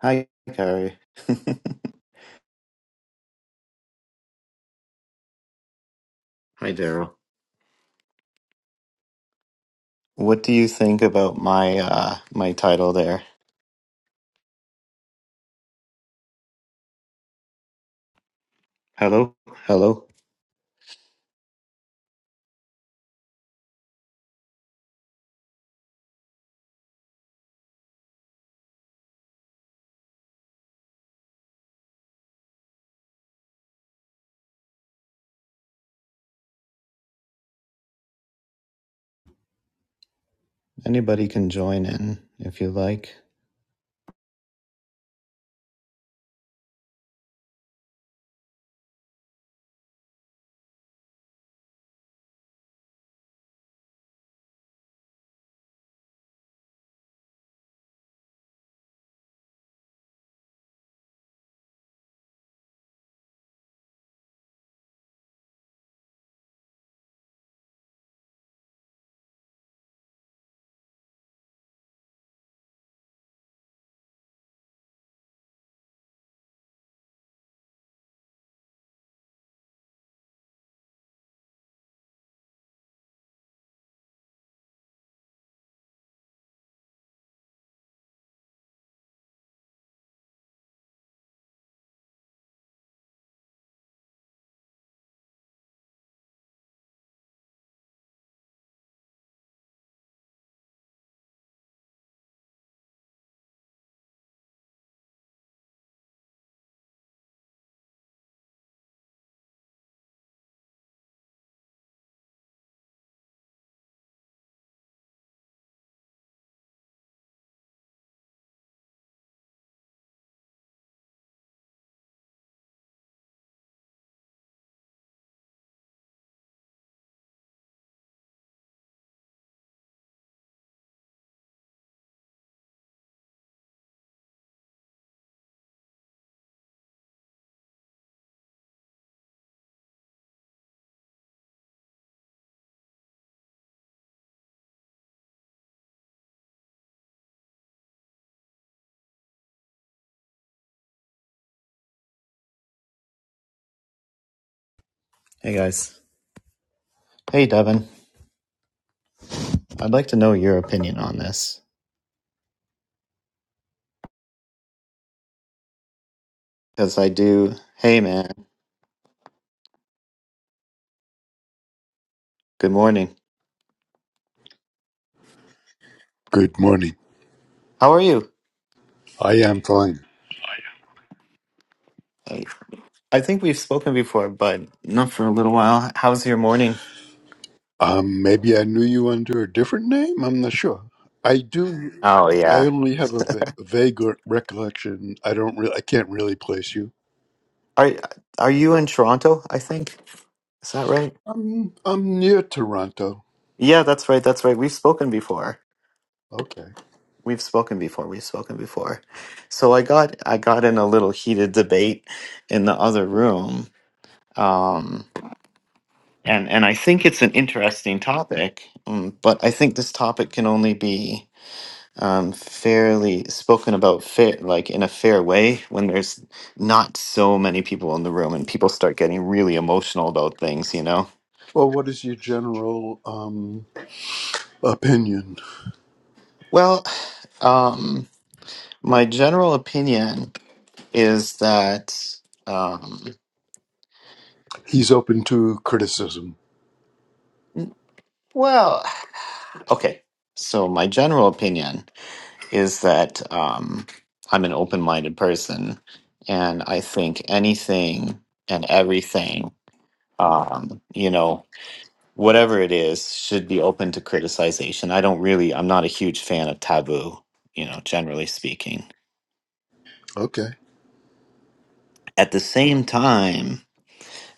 Hi, Carrie. Hi, Daryl. What do you think about my uh my title there? Hello, hello. Anybody can join in if you like. Hey, guys. Hey, Devin. I'd like to know your opinion on this because I do. Hey, man. Good morning. Good morning. How are you? I am fine. I I think we've spoken before, but not for a little while. How's your morning? Um, maybe I knew you under a different name. I'm not sure. I do. Oh I yeah. only have a va- vague re- recollection. I don't really. I can't really place you. Are are you in Toronto? I think is that right? I'm I'm near Toronto. Yeah, that's right. That's right. We've spoken before. Okay. We've spoken before. We've spoken before. So I got I got in a little heated debate in the other room, um, and and I think it's an interesting topic. Um, but I think this topic can only be um, fairly spoken about, fair like in a fair way when there's not so many people in the room and people start getting really emotional about things. You know. Well, what is your general um, opinion? Well, um, my general opinion is that. Um, He's open to criticism. well. Okay. So my general opinion is that um, I'm an open-minded person, and I think anything and everything, um, you know, whatever it is, should be open to criticization. I don't really, I'm not a huge fan of taboo, you know, generally speaking. Okay. At the same time,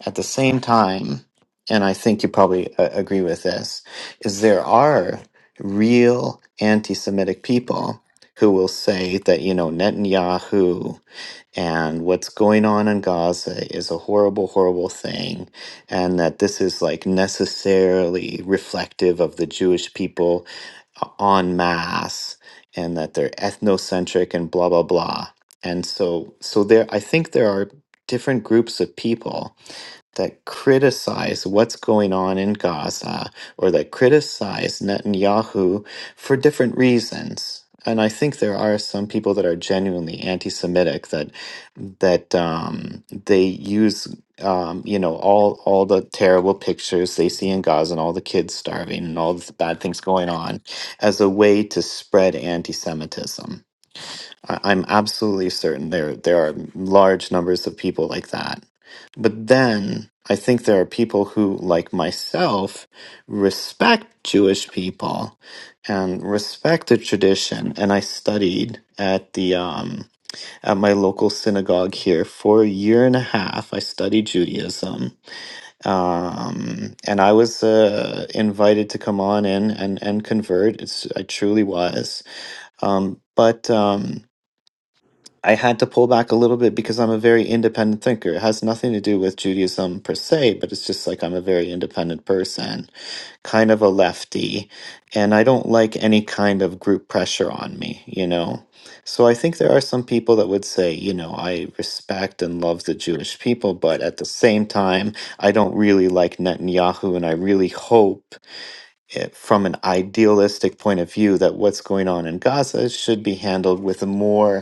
At the same time, and I think you probably uh, agree with this, is there are real anti Semitic people who will say that, you know, Netanyahu and what's going on in Gaza is a horrible, horrible thing, and that this is like necessarily reflective of the Jewish people uh, en masse, and that they're ethnocentric and blah, blah, blah. And so, so there, I think there are different groups of people that criticize what's going on in Gaza or that criticize Netanyahu for different reasons. And I think there are some people that are genuinely anti-Semitic that that um, they use um, you know all all the terrible pictures they see in Gaza and all the kids starving and all the bad things going on as a way to spread anti-Semitism. I- I'm absolutely certain there there are large numbers of people like that. But then I think there are people who, like myself, respect Jewish people and respect the tradition. And I studied at the um, at my local synagogue here for a year and a half. I studied Judaism, um, and I was uh, invited to come on in and and convert. It's I truly was, um, but. Um, I had to pull back a little bit because I'm a very independent thinker. It has nothing to do with Judaism per se, but it's just like I'm a very independent person, kind of a lefty, and I don't like any kind of group pressure on me, you know? So I think there are some people that would say, you know, I respect and love the Jewish people, but at the same time, I don't really like Netanyahu, and I really hope it, from an idealistic point of view that what's going on in Gaza should be handled with a more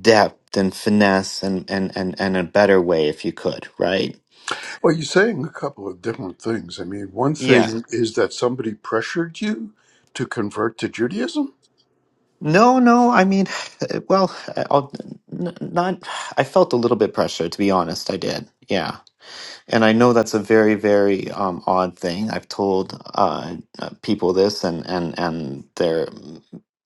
depth and finesse and and and, and a better way if you could right Well, you're saying a couple of different things. I mean, one yeah thing is that somebody pressured you to convert to Judaism. no no i mean well I'll, n- not i felt a little bit pressure to be honest i did yeah and i know that's a very very um, odd thing i've told uh, uh, people this and and and their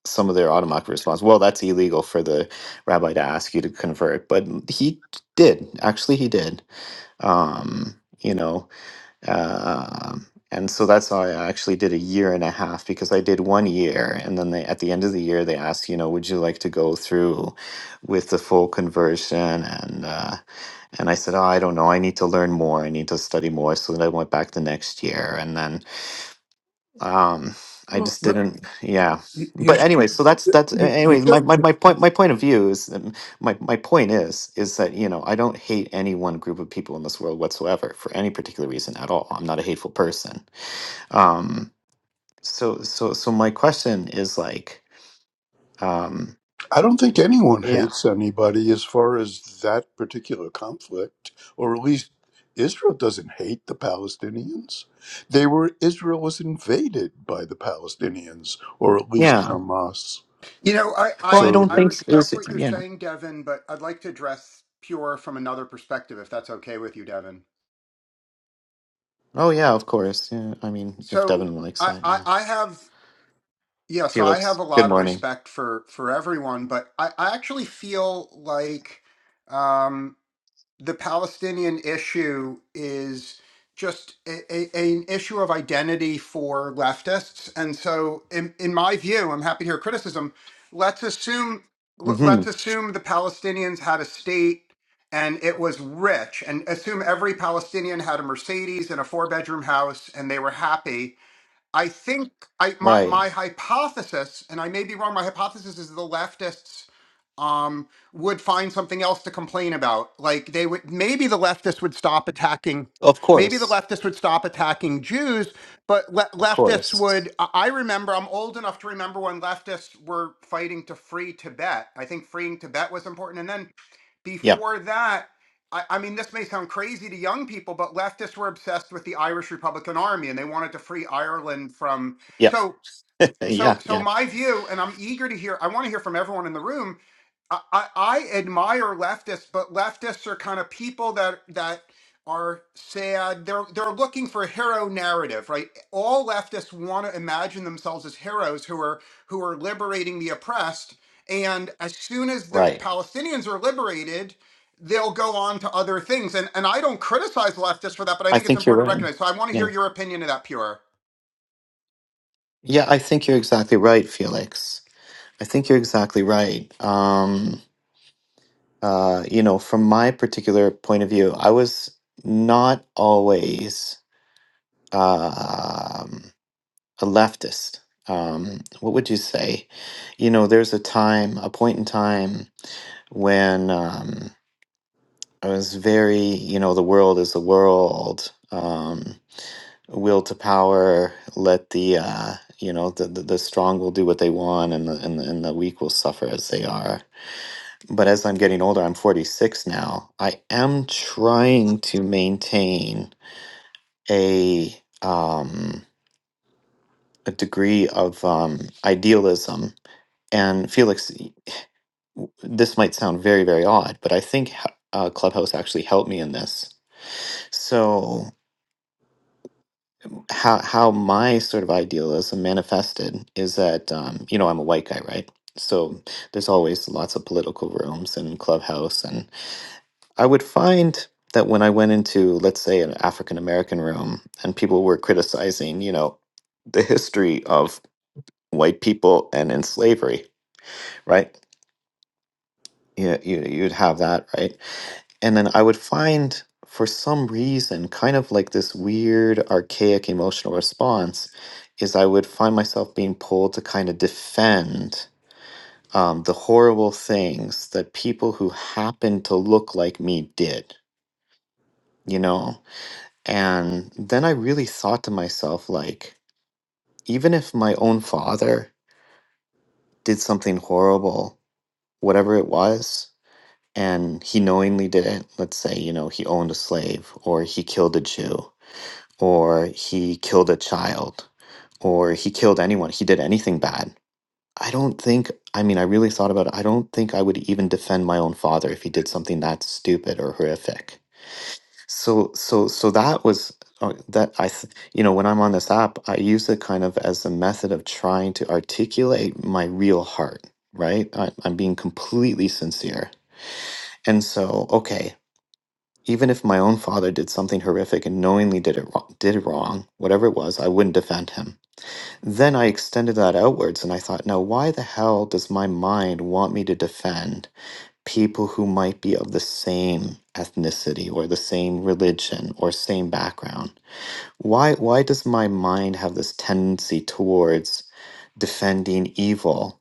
some of their automatic response well that's illegal for the rabbi to ask you to convert but he did actually he did um you know Um, and so that's how I actually did a year and a half because I did one year. And then they, at the end of the year, they asked, you know, would you like to go through with the full conversion? And, uh, and I said, oh, I don't know. I need to learn more. I need to study more. So then I went back the next year. And then um i Well, just no, didn't yeah you you, but anyway so that's that's you, you anyway my, get my, my point my point of view is um, my, my point is is that you know i don't hate any one group of people in this world whatsoever for any particular reason at all i'm not a hateful person um so so so my question is like um I don't think anyone yeah hates anybody as far as that particular conflict, or at least Israel doesn't hate the Palestinians. They were Israel was invaded by the Palestinians, or at least yeah Hamas. You know, I, well i I So don't I think s- is respect what you're yeah saying, Devin, but I'd like to address Pure from another perspective, if that's okay with you, Devin. oh yeah of course yeah i mean if So devin likes I, that I, yeah I have yeah, so I have felix a good lot of morning respect for for everyone, but I, I actually feel like um, the Palestinian issue is just a, a, an issue of identity for leftists. And so, in, in my view, I'm happy to hear criticism. Let's assume l- hmm let's assume the Palestinians had a state and it was rich, and assume every Palestinian had a Mercedes and a four bedroom house, and they were happy. I think I my, right my hypothesis, and I may be wrong. My hypothesis is the leftists um, would find something else to complain about. Like they would, maybe the leftists would stop attacking. of Maybe the course leftists would stop attacking Jews, but le- of leftists course would. I I remember, I'm old enough to remember when leftists were fighting to free Tibet. I think freeing Tibet was important. And then yep before that, I, I mean, this may sound crazy to young people, but leftists were obsessed with the Irish Republican Army and they wanted to free Ireland from. Yeah, So so yeah, so yeah. my view and i'm eager to hear i want to hear from everyone in the room I, I I admire leftists but leftists are kind of people that that are sad they're they're looking for a hero narrative right all leftists want to imagine themselves as heroes who are who are liberating the oppressed and as soon as the Right. palestinians are liberated they'll go on to other things and and i don't criticize leftists for that but i I think it's think you're important to right. recognize so i want to Yeah, hear your opinion of that pure yeah. I think you're exactly right, Felix. I think you're exactly right. Um, uh, you know, from my particular point of view, I was not always um, a leftist. Um, what would you say? You know, there's a time, a point in time when um, I was very, you know, the world is the world. Um, will to power let the uh you know the, the the strong will do what they want and the, and the and the weak will suffer as they are but as i'm getting older i'm 46 now i am trying to maintain a um a degree of um idealism and felix y- w- this might sound very very odd but i think h- uh, clubhouse actually helped me in this so how how my sort of idealism manifested is that um, you know I'm a white guy, right? So there's always lots of political rooms and clubhouse, and I would find that when I went into, let's say, an African American room, and people were criticizing, you know, the history of white people and in slavery, right? You, you you'd have that, right? And then I would find, for some reason, kind of like this weird, archaic emotional response, is I would find myself being pulled to kind of defend um, the horrible things that people who happened to look like me did, you know? And then I really thought to myself, like, even if my own father did something horrible, whatever it was, and he knowingly did it, let's say, you know, he owned a slave or he killed a Jew or he killed a child or he killed anyone, he did anything bad. I don't think, I mean, I really thought about it. I don't think I would even defend my own father if he did something that stupid or horrific. So, so, so that was uh, that I, th- you know, when I'm on this app, I use it kind of as a method of trying to articulate my real heart, right? I, I'm being completely sincere. And so, okay, even if my own father did something horrific and knowingly did it wrong, did it wrong, whatever it was, I wouldn't defend him. Then I extended that outwards and I thought, now why the hell does my mind want me to defend people who might be of the same ethnicity or the same religion or same background? Why why does my mind have this tendency towards defending evil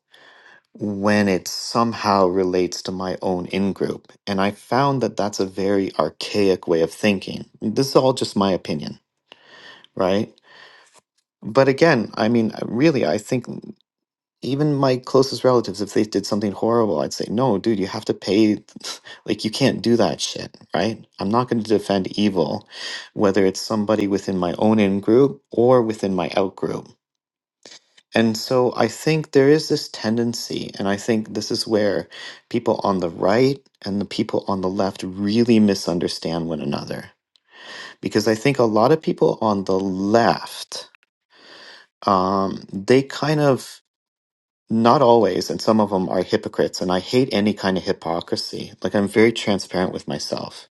when it somehow relates to my own in-group? And I found that that's a very archaic way of thinking. This is all just my opinion, right? But again, I mean, really, I think. even my closest relatives, if they did something horrible, I'd say, no, dude, you have to pay. Like, you can't do that shit, right? I'm not going to defend evil, whether it's somebody within my own in group or within my out group. And so I think there is this tendency, and I think this is where people on the right and the people on the left really misunderstand one another. Because I think a lot of people on the left, um, they kind of Not always, and some of them are hypocrites, and I hate any kind of hypocrisy. Like I'm very transparent with myself.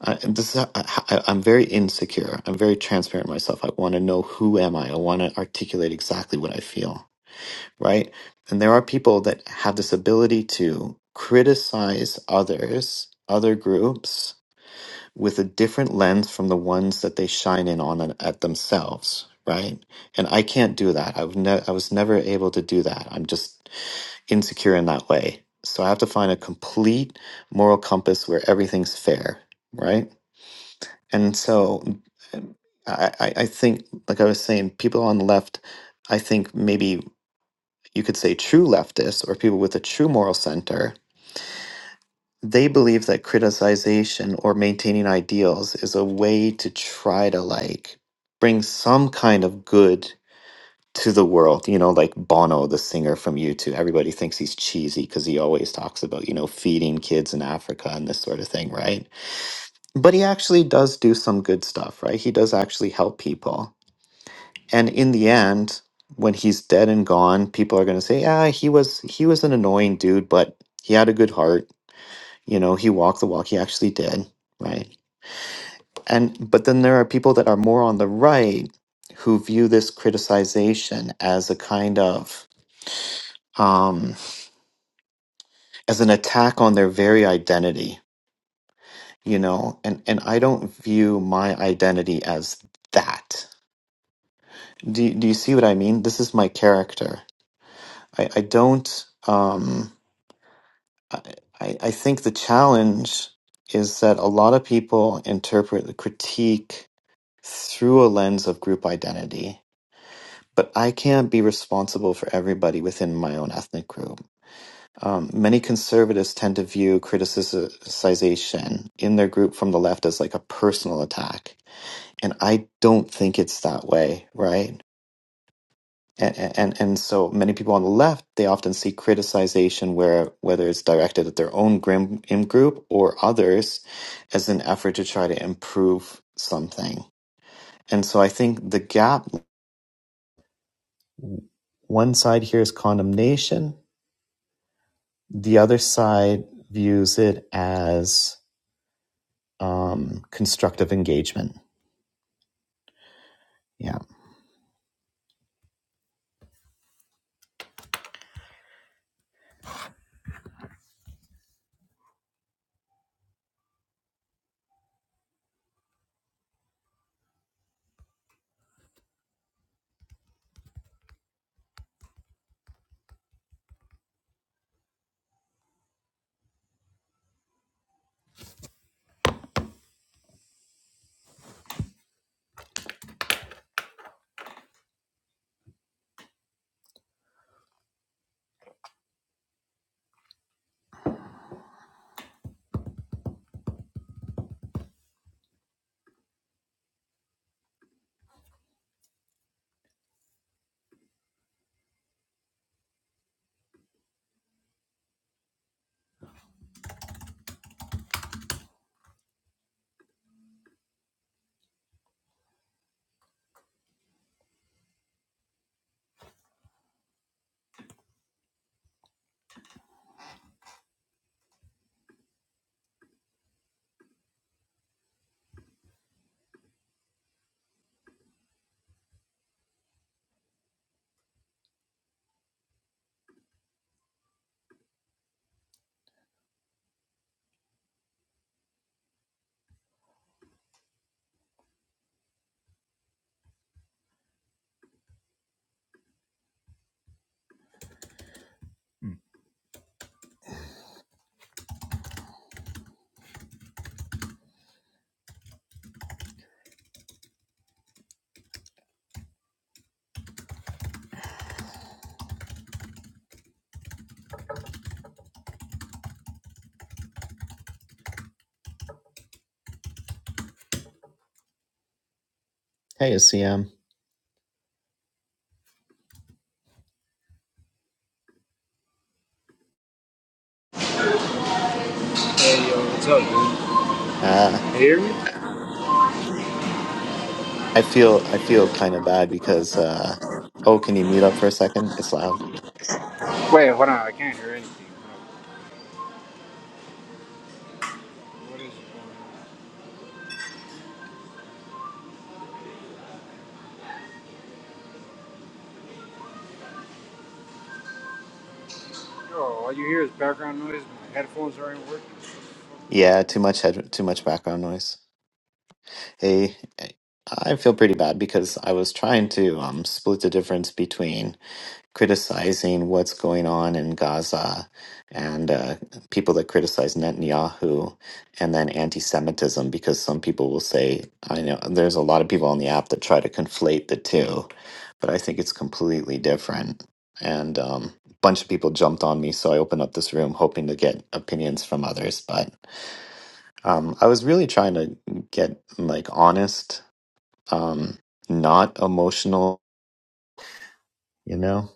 I, this is, I, I'm very insecure. I'm very transparent with myself. I want to know who am I. I want to articulate exactly what I feel, right? And there are people that have this ability to criticize others, other groups, with a different lens from the ones that they shine in on at at themselves, right? And I can't do that. I've ne- I was never able to do that. I'm just insecure in that way. So I have to find a complete moral compass where everything's fair, right? And so um, I, I I think, like I was saying, people on the left, I think maybe you could say true leftists or people with a true moral center, they believe that criticization or maintaining ideals is a way to try to like bring some kind of good to the world, you know, like Bono, the singer from U2. Everybody thinks he's cheesy because he always talks about, you know, feeding kids in Africa and this sort of thing, right? But he actually does do some good stuff, right? He does actually help people. And in the end, when he's dead and gone, people are going to say, "Yeah, he was he was an annoying dude, but he had a good heart. You know, he walked the walk. He actually did, right?" And but then there are people that are more on the right who view this criticization as a kind of um as an attack on their very identity, you know? And and I don't view my identity as that. Do do you see what I mean? This is my character. I, I don't um I, I I think the challenge is that a lot of people interpret the critique through a lens of group identity, but I can't be responsible for everybody within my own ethnic group. Um, many conservatives tend to view criticization in their group from the left as like a personal attack, and I don't think it's that way, right? And and and so many people on the left they often see criticization where whether it's directed at their own grim in group or others as an effort to try to improve something. And so I think the gap one side here is condemnation, the other side views it as um, constructive engagement. Yeah. Hey, CM. Hey, yo, what's up, dude? Uh, You hear me? I feel I feel kind of bad because uh, oh, can you mute up for a second? It's loud. Wait, hold on, I can't hear anything. What is going on? Yo, all you hear is background noise. My headphones aren't working. Yeah, too much head, too much background noise. Hey, I feel pretty bad because I was trying to um, split the difference between criticizing what's going on in Gaza and uh, people that criticize Netanyahu and then anti Semitism because some people will say, I know there's a lot of people on the app that try to conflate the two, but I think it's completely different. And um, a bunch of people jumped on me, so I opened up this room hoping to get opinions from others. But um, I was really trying to get like honest, um, not emotional, you know?